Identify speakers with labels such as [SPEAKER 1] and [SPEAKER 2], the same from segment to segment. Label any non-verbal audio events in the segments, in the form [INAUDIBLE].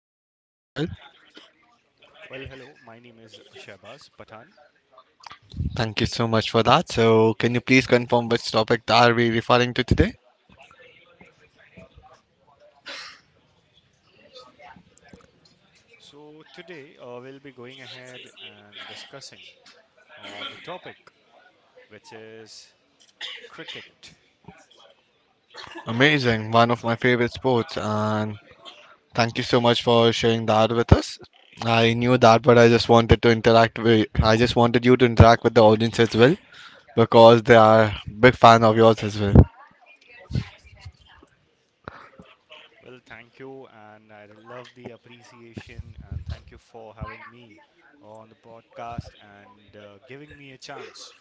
[SPEAKER 1] as well.
[SPEAKER 2] Well, hello, my name is Shahbaz Pathan.
[SPEAKER 1] Thank you so much for that. So, can you please confirm which topic are we referring to today?
[SPEAKER 2] Today we'll be going ahead and discussing on the topic which is cricket.
[SPEAKER 1] Amazing, one of my favorite sports, and thank you so much for sharing that with us. I knew that, but I just wanted you to interact with the audience as well because they are big fan of yours as well.
[SPEAKER 2] Well, thank you, and I love the appreciation, and thank you for having me on the podcast and giving me a chance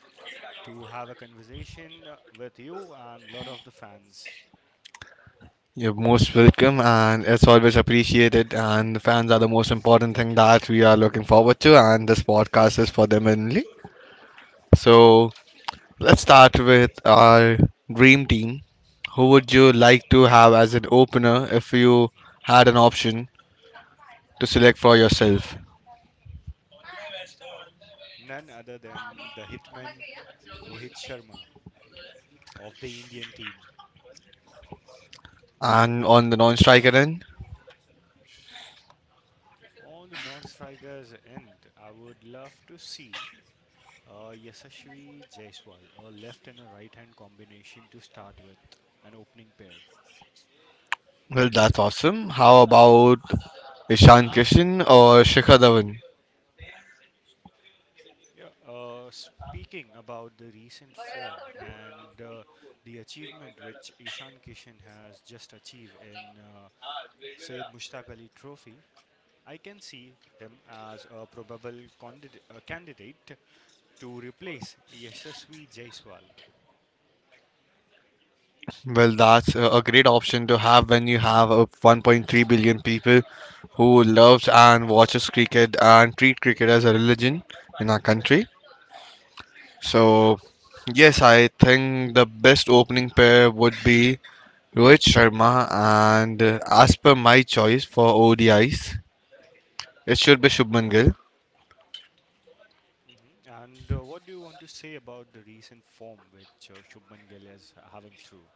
[SPEAKER 2] to have a conversation with you and lot of the fans.
[SPEAKER 1] You're most welcome, and it's always appreciated. And the fans are the most important thing that we are looking forward to, and this podcast is for them only. So let's start with our dream team. Who would you like to have as an opener if you had an option to select for yourself?
[SPEAKER 2] None other than the hitman Rohit Sharma of the Indian team.
[SPEAKER 1] And on the non-striker end,
[SPEAKER 2] On the non-strikers end, I would love to see Yashasvi Jaiswal, a left and a right-hand combination to start with, an opening pair.
[SPEAKER 1] well, that's awesome. How about Ishan Kishan or Shikhar Dhawan?
[SPEAKER 2] Yeah. Speaking about the recent form and the achievement which Ishan Kishan has just achieved in Syed Mushtaq Ali Trophy, I can see him as a probable candidate to replace Yashasvi Jaiswal.
[SPEAKER 1] Well, that's a great option to have when you have a 1.3 billion people who loves and watches cricket and treat cricket as a religion in our country. So, yes, I think the best opening pair would be Rohit Sharma and as per my choice for ODI's, it should be Shubman Gill.
[SPEAKER 2] And what do you want to say about the recent form which Shubman Gill is having through?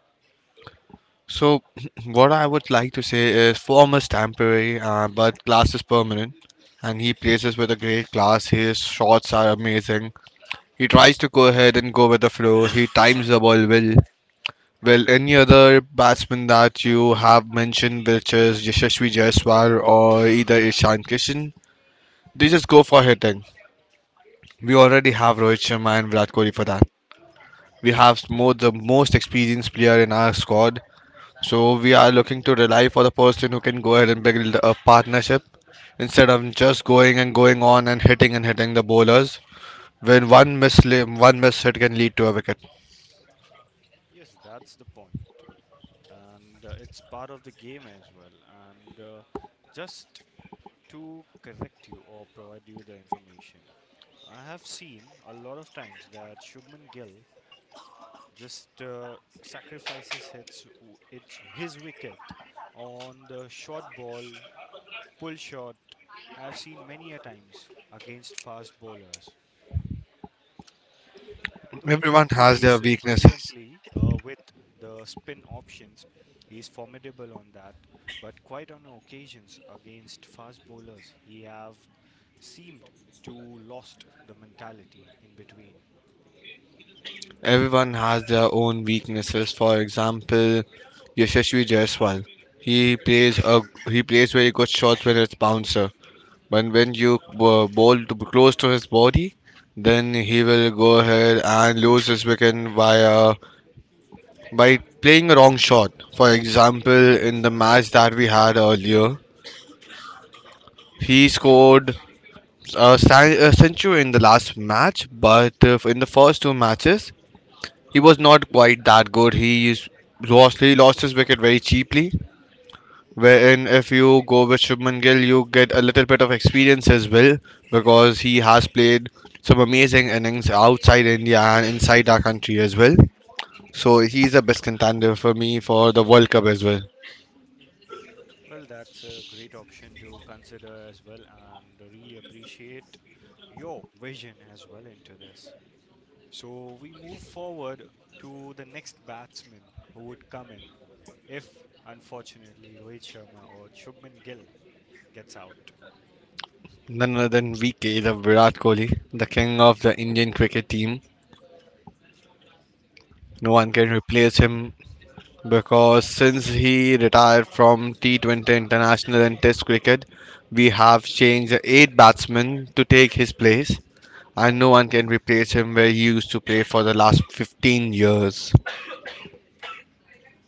[SPEAKER 1] So, [CLEARS THROAT] what I would like to say is form is temporary, but class is permanent. And he plays us with a great class. His shots are amazing. He tries to go ahead and go with the flow. He times the ball well. Well, any other batsman that you have mentioned, which is Yashasvi Jaiswal or either Ishan Kishan, they just go for hitting. We already have Rohit Sharma and Virat Kohli for that. We have more the most experienced player in our squad, so we are looking to rely for the person who can go ahead and build a partnership instead of just going and going on and hitting the bowlers. When one miss hit can lead to a wicket.
[SPEAKER 2] Yes, that's the point, and it's part of the game as well. And just to correct you or provide you the information, I have seen a lot of times that Shubman Gill just sacrifices his wicket on the short ball, pull shot. I have seen many a times against fast bowlers. Though he
[SPEAKER 1] Everyone has their
[SPEAKER 2] plays
[SPEAKER 1] weaknesses.
[SPEAKER 2] brilliantly with the spin options, he is formidable on that. But quite on occasions against fast bowlers, he have seemed to lost the mentality in between.
[SPEAKER 1] Everyone has their own weaknesses. For example, Yashasvi Jaiswal. He plays a he plays very good shots when it's bouncer. But when you bowl to, close to his body, then he will go ahead and lose his wicket via by playing a wrong shot. For example, in the match that we had earlier, he scored a century in the last match, but in the first two matches, he was not quite that good. He lost his wicket very cheaply. Wherein if you go with Shubman Gill, you get a little bit of experience as well because he has played some amazing innings outside India and inside our country as well. So he's the best contender for me for the World Cup as well.
[SPEAKER 2] Well, that's a great option to consider as well, and really appreciate your vision as well into this. So we move forward to the next batsman who would come in if, unfortunately, Rohit Sharma or Shubman Gill gets out.
[SPEAKER 1] None other than VK, the Virat Kohli, the king of the Indian cricket team. No one can
[SPEAKER 2] Well,
[SPEAKER 1] replace him because since
[SPEAKER 2] that's
[SPEAKER 1] he retired from T20 international and test cricket, we have changed eight batsmen to take his place, and no one can replace him where he used to play for the last 15 years.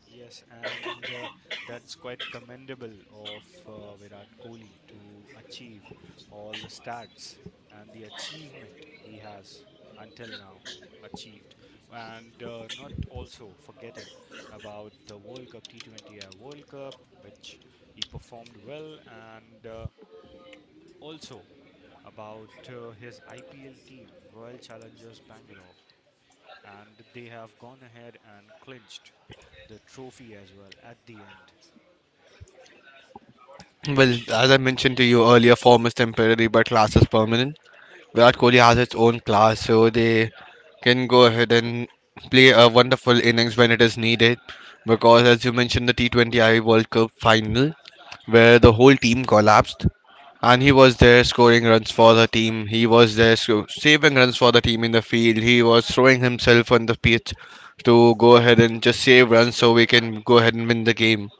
[SPEAKER 2] yes, and that's quite commendable of Virat Kohli to achieve all the stats and the achievement he has until now achieved, and not also forgetting about the World Cup, which he performed well, and also about his IPL team, Royal Challengers Bangalore, and they have gone ahead and clinched the trophy as well at the end.
[SPEAKER 1] Well, as I mentioned to you earlier, form is temporary but class is permanent. Virat Kohli has its own class, so they can go ahead and play a wonderful innings when it is needed. Because, as you mentioned, the T20I World Cup final, where the whole team collapsed, and he was there scoring runs for the team, he was there saving runs for the team in the field, he was throwing himself on the pitch to go ahead and just save runs so we can go ahead and win the game.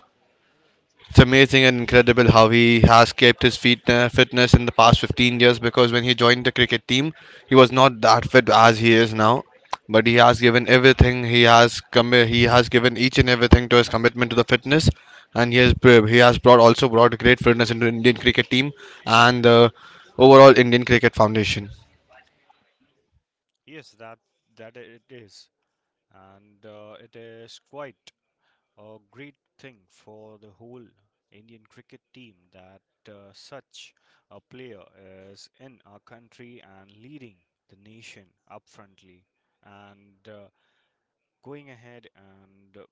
[SPEAKER 1] It's amazing and incredible how he has kept his fitness in the past 15 years because when he joined the cricket team, he was not that fit as he is now. But he has given everything. He has given each and everything to his commitment to the fitness, and he has brought great fitness into Indian cricket team and the overall Indian cricket foundation.
[SPEAKER 2] Yes, that it is, and it is quite a great thing for the whole Indian cricket team that such a player is in our country and leading the nation up frontly and going ahead and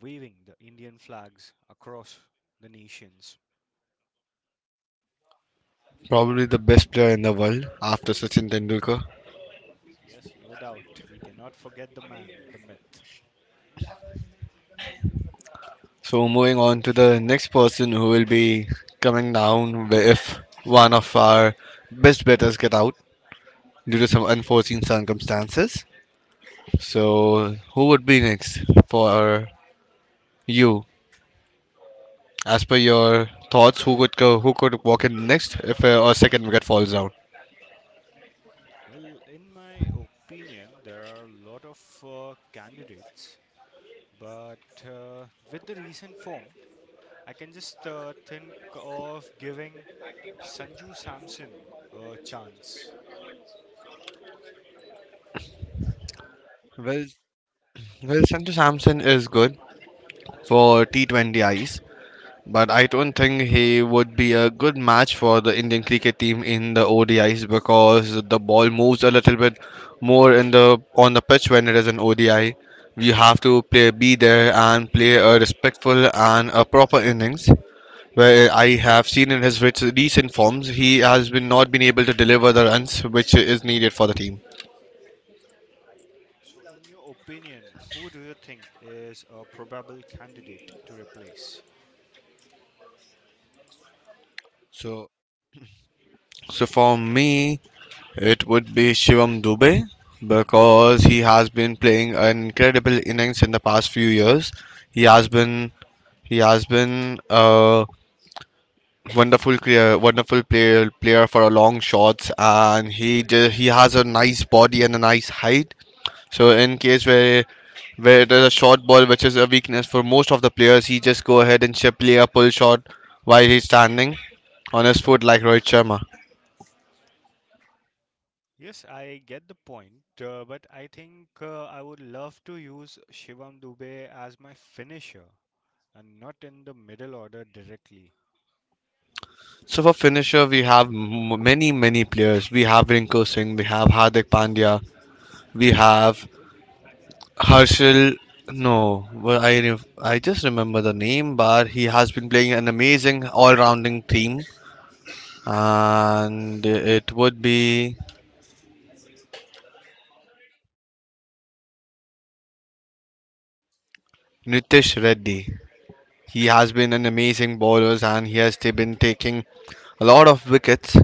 [SPEAKER 2] waving the Indian flags across the nations.
[SPEAKER 1] Probably the best player in the world after Sachin Tendulkar.
[SPEAKER 2] Yes, no doubt, we cannot forget the man, the myth.
[SPEAKER 1] So moving on to the next person who will be coming down if one of our best betters get out due to some unforeseen circumstances. So who would be next for you? As per your thoughts, who could walk in next if our second wicket falls down?
[SPEAKER 2] Well, in my opinion, there are a lot of candidates, but with the recent form, I can just think of giving Sanju Samson a chance.
[SPEAKER 1] Well, well, Sanju Samson is good for T20 ice. But I don't think he would be a good match for the Indian cricket team in the ODIs because the ball moves a little bit more in the on the pitch when it is an ODI. We have to play be there and play a respectful and a proper innings. Where I have seen in his recent forms, he has been not been able to deliver the runs which is needed for the team.
[SPEAKER 2] So, in your opinion, who do you think is a probable candidate to replace?
[SPEAKER 1] So, so, for me, it would be Shivam Dubey because he has been playing an incredible innings in the past few years. He has been he has been a wonderful player for a long shots, and he has a nice body and a nice height. So in case where there's a short ball, which is a weakness for most of the players, he just go ahead and play a pull shot while he's standing on his foot like Rohit Sharma.
[SPEAKER 2] Yes, I get the point, but I think I would love to use Shivam Dubey as my finisher and not in the middle order directly.
[SPEAKER 1] So for finisher, we have many players. We have Rinko Singh, we have Hardik Pandya, we have Harshil. No, well, I just remember the name, but he has been playing an amazing all-rounding team, and it would be Nitish Reddy. He has been an amazing bowler, and he has been taking a lot of wickets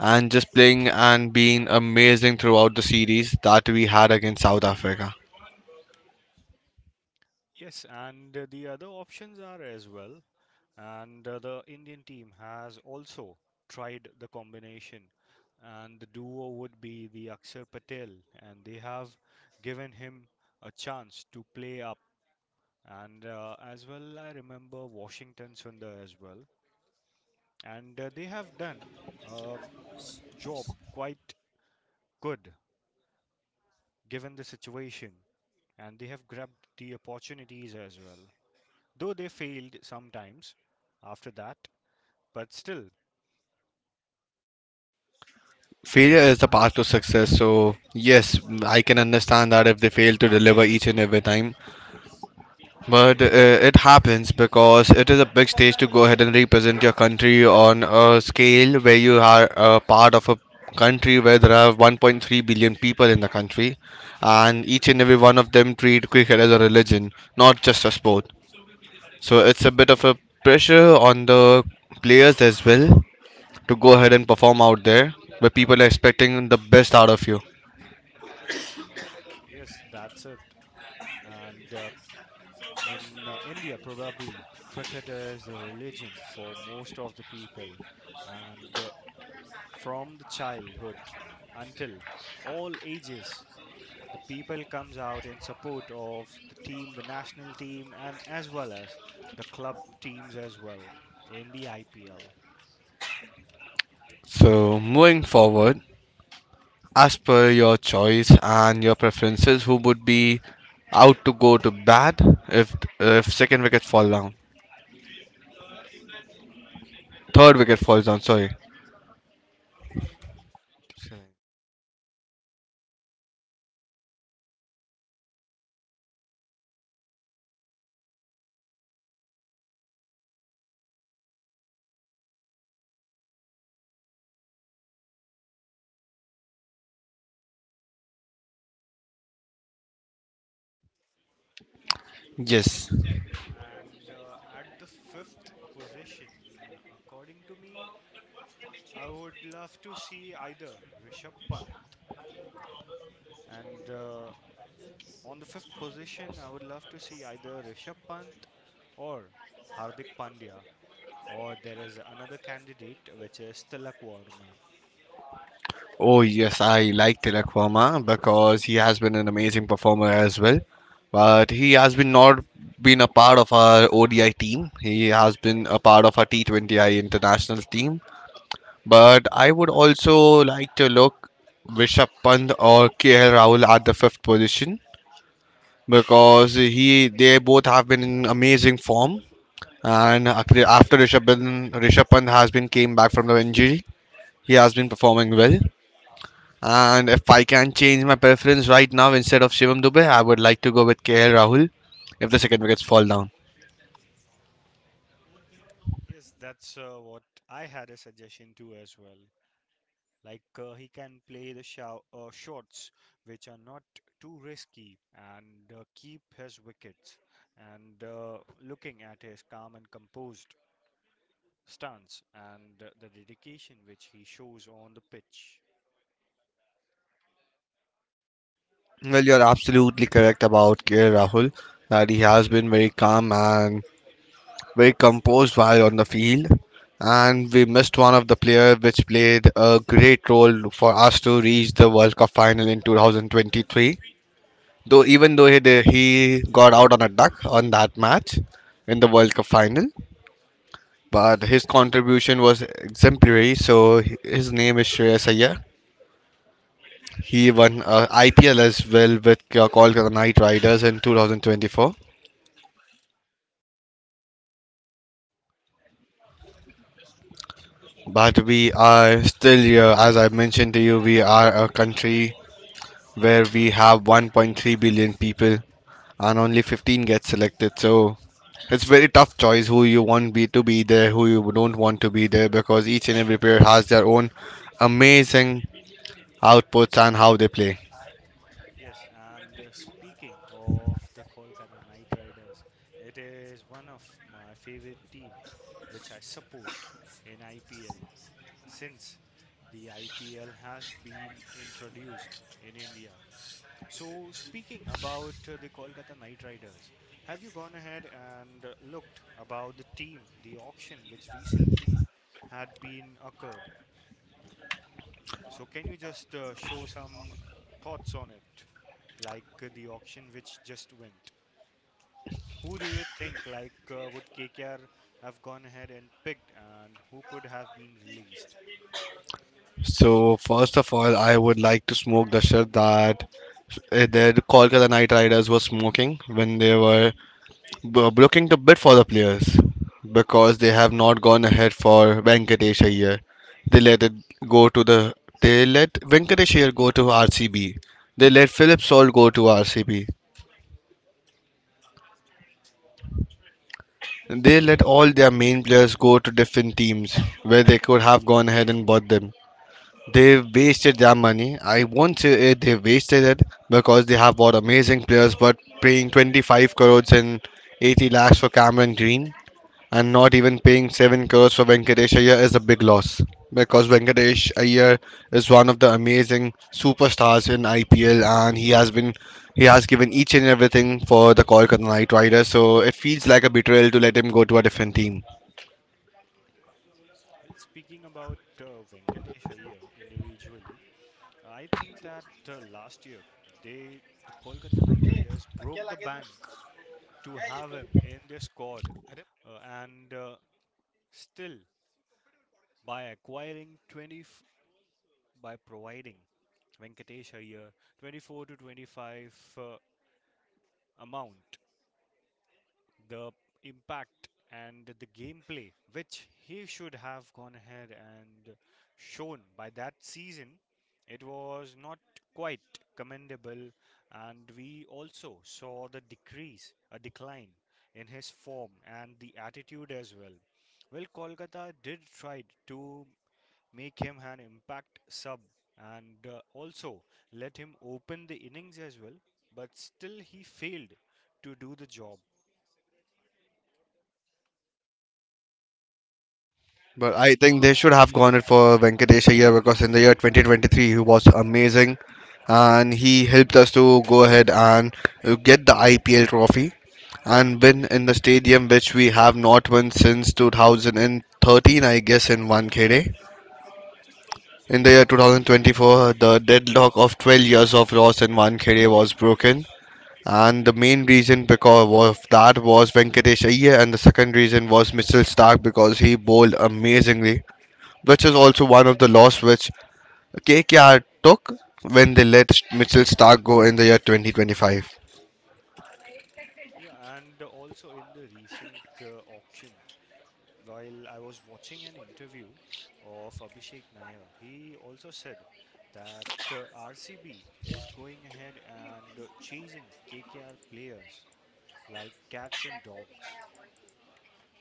[SPEAKER 1] and just playing and being amazing throughout the series that we had against South Africa.
[SPEAKER 2] Yes, and the other options are as well. And the Indian team has also tried the combination, and the duo would be the Akshar Patel, and they have given him a chance to play up. And as well, I remember Washington Sundar as well, and they have done a job quite good given the situation, and they have grabbed the opportunities as well, though they failed sometimes after that. But still,
[SPEAKER 1] Failure is the path to success, so yes, I can understand that if they fail to deliver each and every time. But it happens because it is a big stage to go ahead and represent your country on a scale where you are a part of a country where there are 1.3 billion people in the country, and each and every one of them treat cricket as a religion, not just a sport. So it's a bit of a pressure on the players as well to go ahead and perform out there, where people are expecting the best out of you.
[SPEAKER 2] yes, that's it. And in India, probably cricket is the religion for most of the people. And from the childhood until all ages, the people comes out in support of the team, the national team, and as well as the club teams as well in the IPL.
[SPEAKER 1] So, moving forward, as per your choice and your preferences, who would be out to go to bat if second wicket fall down, third wicket falls down? Sorry. Yes.
[SPEAKER 2] And at the fifth position, according to me, I would love to see either Rishabh Pant. And on the fifth position, I would love to see either Rishabh Pant or Hardik Pandya. Or there is another candidate, which is Tilak Verma.
[SPEAKER 1] Oh yes, I like Tilak Verma because he has been an amazing performer as well. But he has been not been a part of our ODI team. He has been a part of our T20I international team. But I would also like to look Rishabh Pant or KL Rahul at the fifth position because he they both have been in amazing form. After Rishabh Pant, has been came back from the injury, he has been performing well. And if I can change my preference right now instead of Shivam Dubey, I would like to go with KL Rahul if the second wickets fall down.
[SPEAKER 2] Yes, that's what I had a suggestion to as well. Like he can play the shots which are not too risky and keep his wickets. And looking at his calm and composed stance and the dedication which he shows on the pitch.
[SPEAKER 1] Well, you're absolutely correct about KL Rahul that he has been very calm and very composed while on the field, and we missed one of the players, which played a great role for us to reach the World Cup final in 2023. Though even though he did, he got out on a duck on that match in the World Cup final, but his contribution was exemplary. So his name is Shreyas Iyer. He won IPL as well with Kolkata Knight Riders in 2024. But we are still here, as I mentioned to you, we are a country where we have 1.3 billion people and only 15 get selected. So it's very tough choice who you want be to be there, who you don't want to be there, because each and every player has their own amazing outputs and how they play.
[SPEAKER 2] Yes, and speaking of the Kolkata Knight Riders, it is one of my favorite team which I support in IPL since the IPL has been introduced in India. So speaking about the Kolkata Knight Riders, have you gone ahead and looked about the team, the auction which recently had been occurred? So, can you just show some thoughts on it, like the auction which just went? Who do you think like would KKR have gone ahead and picked, and who could have been released?
[SPEAKER 1] So first of all, I would like to smoke the shirt that the Kolkata Knight Riders were smoking when they were looking to bid for the players because they have not gone ahead for Venkatesh Iyer. They let it go to the they let Venkatesh Iyer go to RCB. They let Philip Salt go to RCB. They let all their main players go to different teams where they could have gone ahead and bought them. They wasted their money. I won't say it, they wasted it because they have bought amazing players, but paying 25 crores and 80 lakhs for Cameron Green. And not even paying 7 crores for Venkatesh Iyer is a big loss because Venkatesh Iyer is one of the amazing superstars in IPL and he has given each and everything for the Kolkata Knight Riders, so it feels like a betrayal to let him go to a different team.
[SPEAKER 2] Well, speaking about Venkatesh Iyer individually, I think that last year the Kolkata Knight Riders broke the bank to have him in their squad, and still by acquiring 20. By providing Venkatesh Iyer 24 to 25 amount, the impact and the gameplay which he should have gone ahead and shown by that season, it was not quite commendable, and we also saw a decline in his form and the attitude as well. Well, Kolkata did try to make him an impact sub and also let him open the innings as well, but still he failed to do the job.
[SPEAKER 1] But I think they should have gone it for Venkatesh here because in the year 2023 he was amazing and he helped us to go ahead and get the IPL trophy and win in the stadium which we have not won since 2013, I guess, in Wankhede. In the year 2024 the deadlock of 12 years of loss in Wankhede was broken, and the main reason because of that was Venkatesh Iyer and the second reason was Mitchell Stark because he bowled amazingly, which is also one of the loss which KKR took when they let Mitchell Stark go in the year 2025.
[SPEAKER 2] Yeah and also in the recent auction, while I was watching an interview of Abhishek Nair, he also said that RCB is going ahead and chasing KKR players like cats and dogs.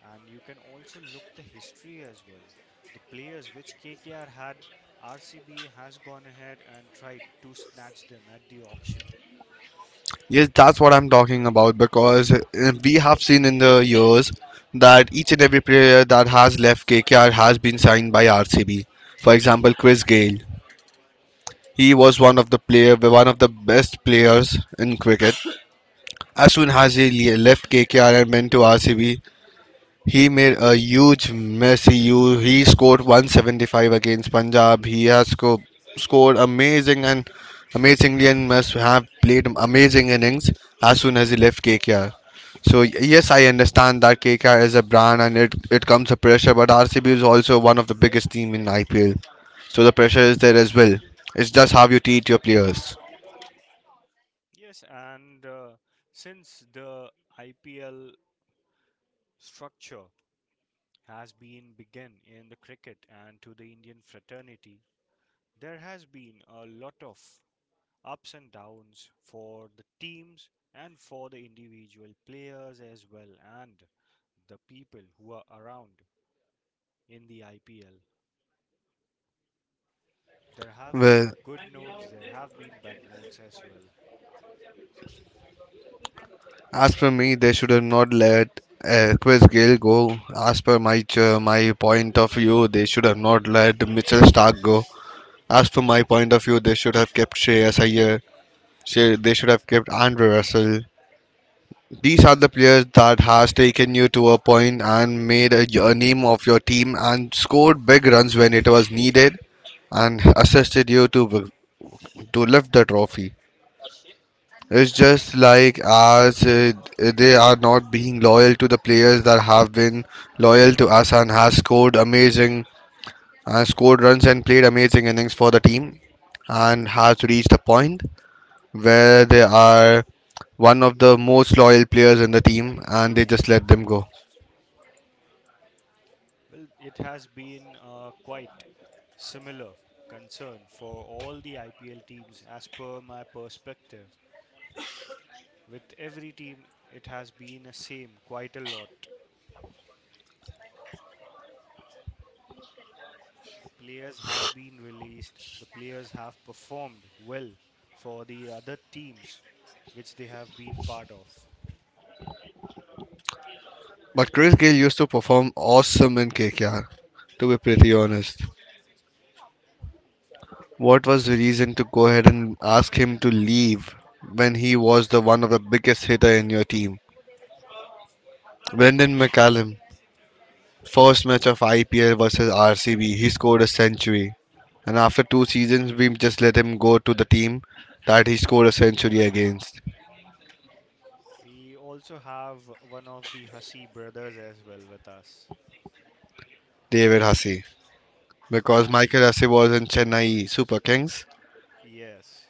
[SPEAKER 2] And you can also look the history as well. The players which KKR had, RCB has gone ahead and tried to snatch them at the auction.
[SPEAKER 1] Yes, that's what I'm talking about because we have seen in the years that each and every player that has left KKR has been signed by RCB. For example, Chris Gayle. He was one of the player, one of the best players in cricket. As soon as he le- left KKR and went to RCB, he made a huge mess. He scored 175 against Punjab. Scored amazing and amazingly and must have played amazing innings as soon as he left KKR. So yes, I understand that KKR is a brand and it comes a pressure, but RCB is also one of the biggest team in IPL. So the pressure is there as well. It's just how you treat your players.
[SPEAKER 2] Yes, and since the IPL structure has been begun in the cricket and to the Indian fraternity, there has been a lot of ups and downs for the teams and for the individual players as well, and the people who are around in the IPL. There have
[SPEAKER 1] Well,
[SPEAKER 2] been good nodes, there have been bad nodes as well.
[SPEAKER 1] as per me, they should have not let Chris Gale go. As per my ch- my point of view, they should have not let Mitchell Stark go. As per my point of view, they should have kept Shreyas Iyer. They should have kept Andrew Russell. These are the players that has taken you to a point and made a name of your team and scored big runs when it was needed and assisted you to to lift the trophy. It's
[SPEAKER 2] While
[SPEAKER 1] just
[SPEAKER 2] speaking,
[SPEAKER 1] like us. They are not being loyal to the players that have been loyal to us and has scored amazing, scored runs and played amazing innings for the team, and has reached a point where they are one of the most loyal players in the team, and they just let them go.
[SPEAKER 2] well, it has been quite similar concern for all the IPL teams as per my perspective. With every team, it has been the same quite a lot. The players have been released, the players have performed well for the other teams which they have been part of.
[SPEAKER 1] But Chris Gayle used to perform awesome in KKR, to be pretty honest. What was the reason to go ahead and ask him to leave when he was the one of the biggest hitter in your team? Brendan McCallum, first match of IPL versus RCB, he scored a century. And after two seasons, we just let him go to the team that he scored a century against,
[SPEAKER 2] We also have one of the Hasi brothers as well with us.
[SPEAKER 1] David Hussey. Because Michael
[SPEAKER 2] And
[SPEAKER 1] Hussey was in Chennai Super Kings.
[SPEAKER 2] yes,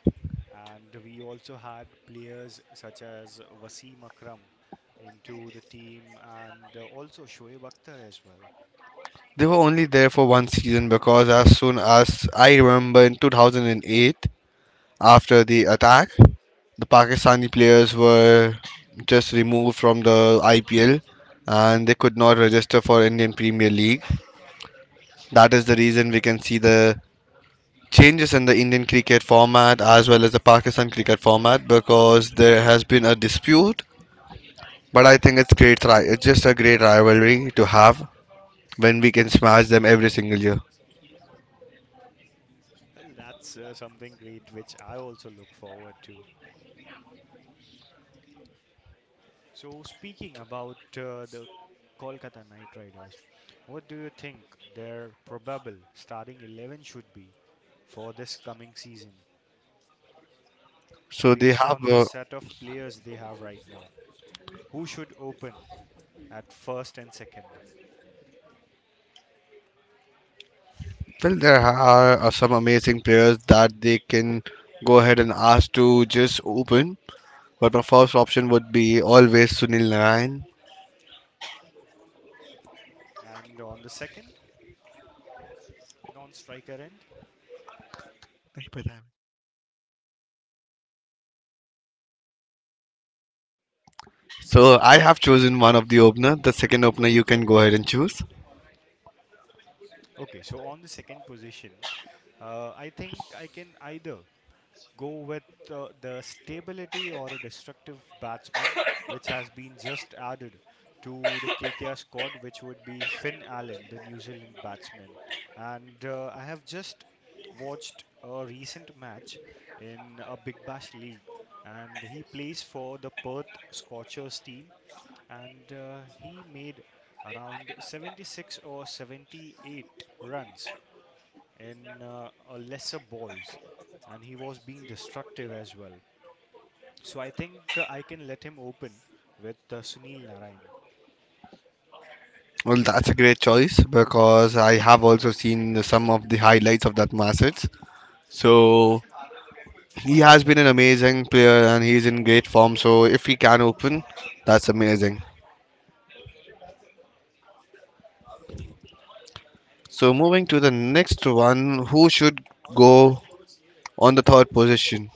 [SPEAKER 2] and we also had players such as Wasim Akram into the team and also Shoaib Akhtar as well.
[SPEAKER 1] They were only there for one season because as soon as I remember in 2008, after the attack, the Pakistani players were just removed from the IPL and they could not register for Indian Premier League. That is the reason we can see the changes in the Indian cricket format as well as the Pakistan cricket format because there has been a dispute. But I think it's great. It's just a great rivalry to have when we can smash them every single year.
[SPEAKER 2] Well, that's something great which I also look forward to. So, speaking about the Kolkata Knight Riders, what do you think their probable starting 11 should be for this coming season
[SPEAKER 1] So they
[SPEAKER 2] based
[SPEAKER 1] have.
[SPEAKER 2] on the set of players they have right now? Who should open at first and second?
[SPEAKER 1] Well, there are some amazing players that they can go ahead and ask to just open. But my first option would be always Sunil Narayan.
[SPEAKER 2] And on the second, non non-striker end.
[SPEAKER 1] नहीं पता है। So I have chosen one of the opener. The second opener you can go ahead and choose.
[SPEAKER 2] Okay, so on the second position, I think I can either go with the stability or a destructive batsman, which has been just added to the KKR squad, which would be Finn Allen, the New Zealand batsman. And I have just watched a recent match in a Big Bash League, and he plays for the Perth Scorchers team and he made around 76 or 78 runs in lesser balls, and he was being destructive as well. So I think I can let him open with Sunil Narayan.
[SPEAKER 1] Well, that's a great choice because I have also seen some of the highlights of that Massets. So he has been an amazing player and he's in great form. So if he can open, that's amazing. So moving to the next one, who should go on the third position?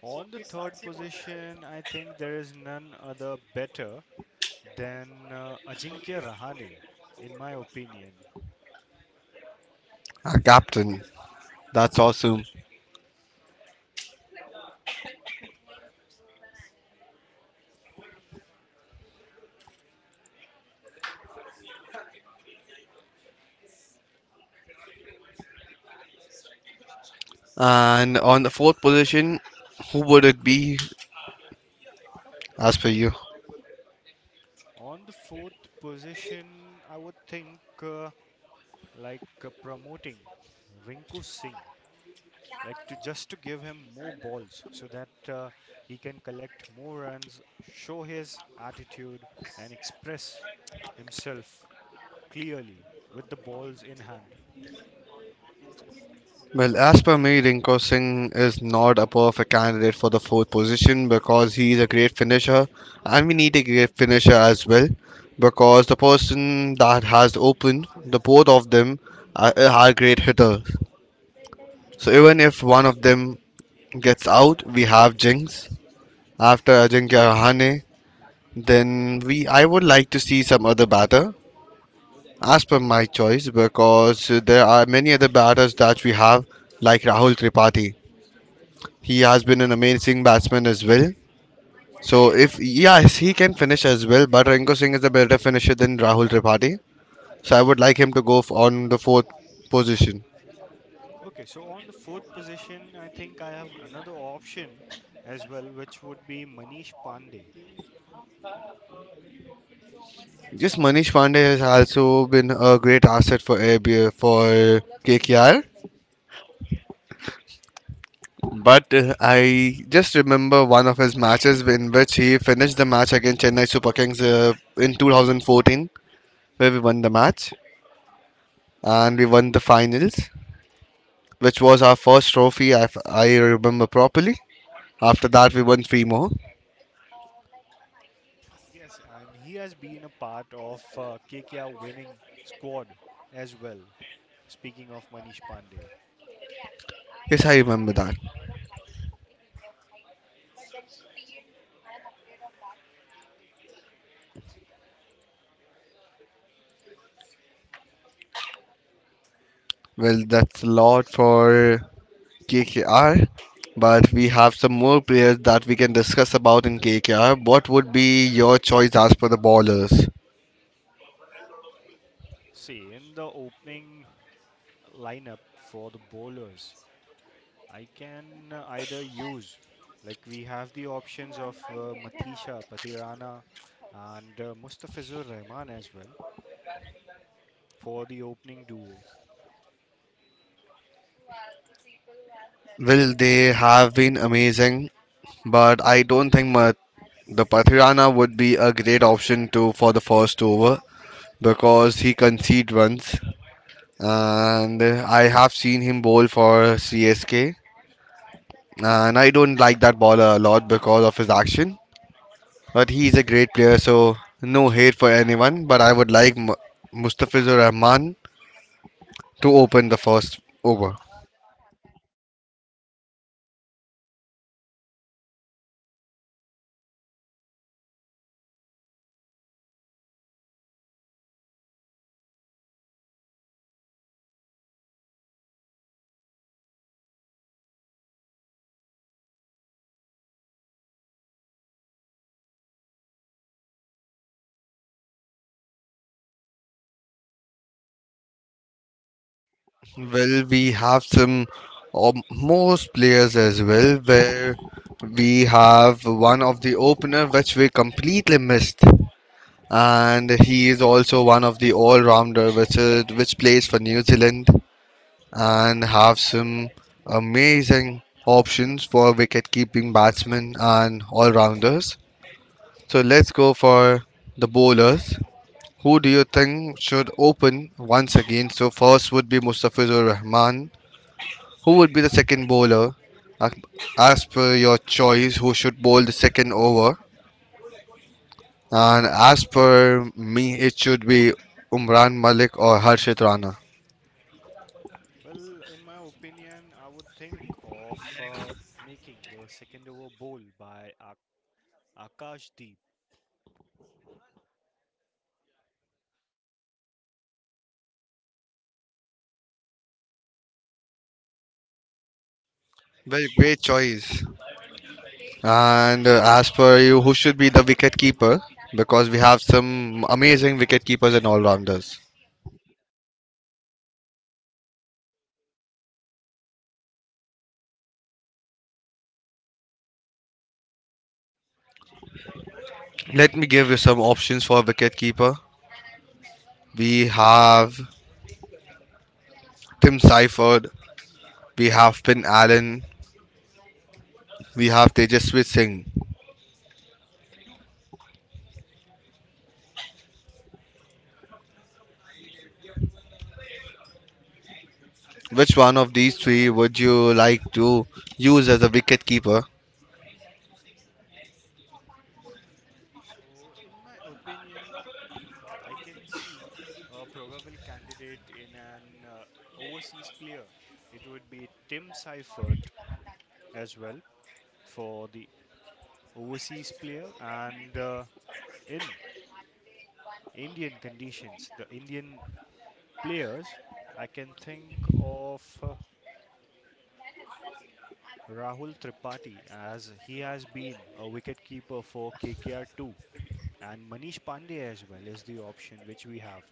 [SPEAKER 2] On the third position, I think there is none other better than Ajinkya Rahane, in my opinion.
[SPEAKER 1] Our captain. That's awesome. And on the fourth position, who would it be as per you?
[SPEAKER 2] On the fourth position, I would think uh, like promoting Rinku Singh, like to just to give him more balls so that he can collect more runs, show his attitude, and express himself clearly with the balls in hand.
[SPEAKER 1] Well, as per me, Rinko Singh is not a perfect candidate for the fourth position because he is a great finisher, and we need a great finisher as well because the person that has opened, the both of them are great hitters. So even if one of them gets out, we have Jinx. After Ajinkya Rahane, then we I would like to see some other batter as per my choice because there are many other batters that we have, like Rahul Tripathi. He has been an amazing batsman as well. So if yes, he can finish as well, but Rinko Singh is a better finisher than Rahul Tripathi. So I would like him to go on the fourth position.
[SPEAKER 2] Okay, so on the fourth position, I think I have another option as well, which would be Manish Pandey.
[SPEAKER 1] Yes, Manish Pandey has also been a great asset for ABA for KKR. But I just remember one of his matches in which he finished the match against Chennai Super Kings in 2014, where we won the match and we won the finals, which was our first trophy, if I remember properly. After that, we won three more.
[SPEAKER 2] Yes, and he has been a part of KKR winning squad as well. Speaking of Manish Pandey,
[SPEAKER 1] Yes, I remember that. Well, that's a lot for KKR, but we have some more players that we can discuss about in KKR. What would be your choice as per the ballers?
[SPEAKER 2] see in the opening lineup for the bowlers, I can either use, like we have the options of Matisha Patirana and Mustafizur Rahman as well for the opening duo.
[SPEAKER 1] Well, they have been amazing, but I don't think the Pathirana would be a great option to for the first over because he concede runs, and I have seen him bowl for CSK. And I don't like that bowler a lot because of his action. But he is a great player, so no hate for anyone. But I would like Mustafizur Rahman to open the first over. Well, we have some most players as well, where we have one of the opener which we completely missed, and he is also one of the all-rounder which plays for New Zealand. And have some amazing options for wicket keeping batsmen and all rounders. So let's go for the bowlers. Who do you think should open once again? So first would be Mustafizur Rahman. Who would be the second bowler? As per your choice, who should bowl the second over? And as per me, it should be Umran Malik or Harshit Rana.
[SPEAKER 2] Well, in my opinion, I would think of making the second over bowl by Akash Deep.
[SPEAKER 1] Very great choice. And as per you, who should be the wicket keeper? Because we have some amazing wicket keepers and all rounders. Let me give you some options for wicket keeper. We have Tim Seifert, we have Finn Allen, we have Tejaswi Singh. Which one of these three would you like to use as a wicket keeper?
[SPEAKER 2] So, in my opinion, I can see a probable candidate in an overseas player. It would be Tim Seifert as well for the overseas player, and in Indian conditions, the Indian players, I can think of Rahul Tripathi as he has been a wicketkeeper for KKR too. And Manish Pandey as well is the option which we have.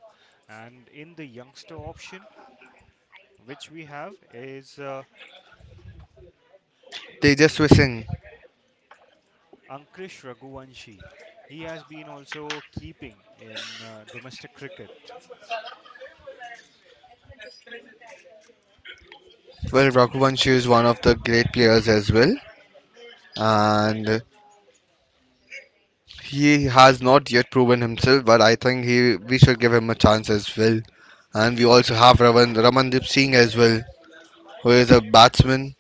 [SPEAKER 2] And in the youngster option, which we have is
[SPEAKER 1] Tejaswi Singh.
[SPEAKER 2] Ankush Raghuvanshi. He has been also keeping in domestic cricket.
[SPEAKER 1] Well, Raghuvanshi is one of the great players as well, and he has not yet proven himself, but I think he we should give him a chance as well. And we also have Ramandeep Singh as well, who is a batsman,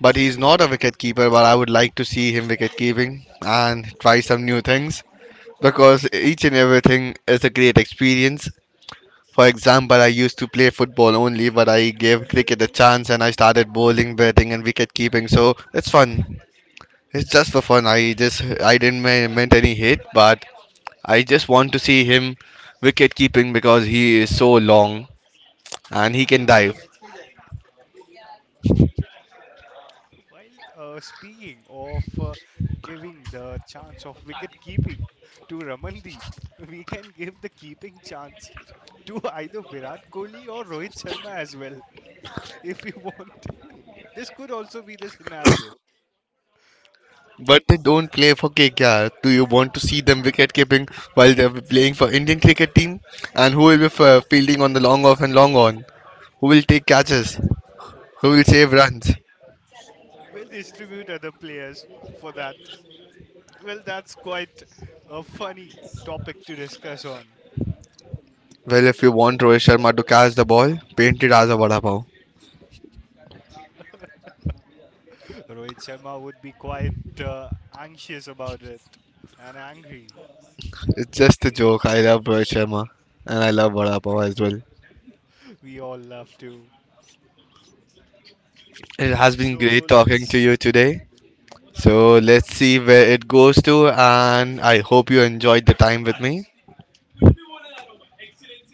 [SPEAKER 1] but he's not a wicket keeper. But I would like to see him wicket keeping and try some new things because each and everything is a great experience. For example, I used to play football only, but I gave cricket a chance and I started bowling, batting, and wicket keeping. So it's fun. It's just for fun. I didn't meant any hate, but I just want to see him wicket keeping because he is so long and he can dive.
[SPEAKER 2] [LAUGHS] While speaking of giving the chance of wicket keeping to Ramandeep, [LAUGHS] we can give the keeping chance to either Virat Kohli or Rohit Sharma as well, [LAUGHS] if you want. This could also be the scenario.
[SPEAKER 1] But they don't play for KKR. Do you want to see them wicket keeping while they're playing for Indian cricket team? And who will be fielding on the long off and long on? Who will take catches? Who will save runs?
[SPEAKER 2] We'll distribute other players for that. Well, that's quite a funny topic to discuss on.
[SPEAKER 1] Well, if you want Rohit Sharma to catch the ball, paint it as a vada pav.
[SPEAKER 2] Rohit Sharma would be quite uh, anxious about it and angry.
[SPEAKER 1] It's just a joke. I love Rohit Sharma and I love vada pav as well.
[SPEAKER 2] We all love to.
[SPEAKER 1] It has been great
[SPEAKER 2] So
[SPEAKER 1] talking to
[SPEAKER 2] let's.
[SPEAKER 1] you today. So let's see where it goes to, and I hope you enjoyed the time with me.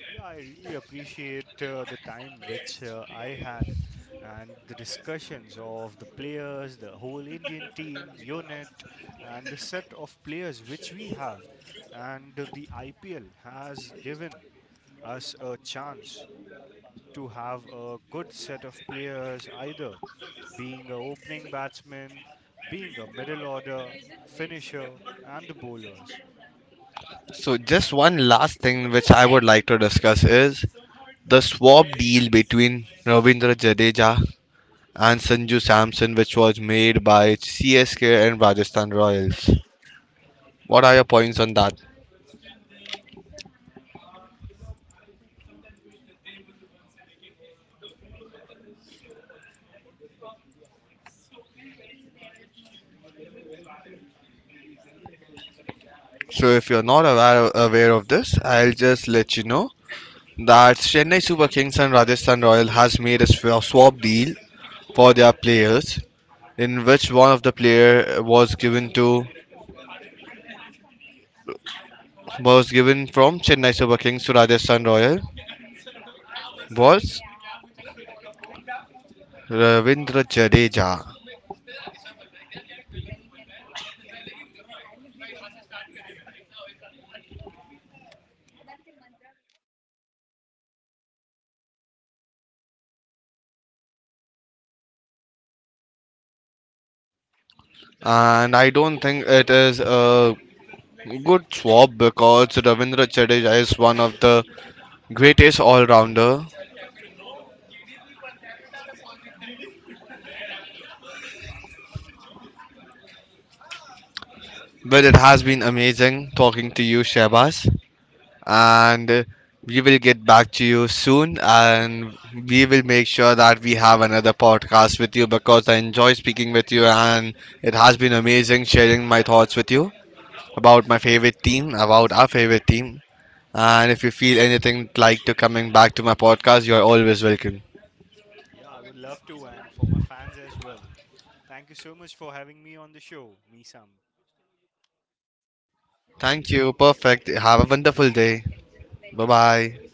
[SPEAKER 2] Yeah, I really appreciate the time which I had and the discussions of the players, the whole Indian team unit, and the set of players which we have. And the IPL has given us a chance to have a good set of players, either being a opening batsman, being a middle order, finisher, and bowlers.
[SPEAKER 1] So, just one last thing which I would like to discuss is the swap deal between Ravindra Jadeja and Sanju Samson, which was made by CSK and Rajasthan Royals. What are your points on that? So, if you're not aware, of this, I'll just let you know that Chennai Super Kings and Rajasthan Royal has made a swap deal for their players in which one of the player was given to was given from Chennai Super Kings to Rajasthan Royal was Ravindra Jadeja, and I don't think it is a good swap because Ravindra Jadeja is one of the greatest all-rounder. Well, it has been amazing talking to you, Shabazz, and we will get back to you soon and we will make sure that we have another podcast with you because I enjoy speaking with you and it has been amazing sharing my thoughts with you about my favorite team, about our favorite team. And if you feel anything like to coming back to my podcast, you're always welcome.
[SPEAKER 2] Yeah, I would love to, and for my fans as well. Thank you so much for having me on the show, Misam.
[SPEAKER 1] Thank you. Perfect. Have a wonderful day. Bye bye.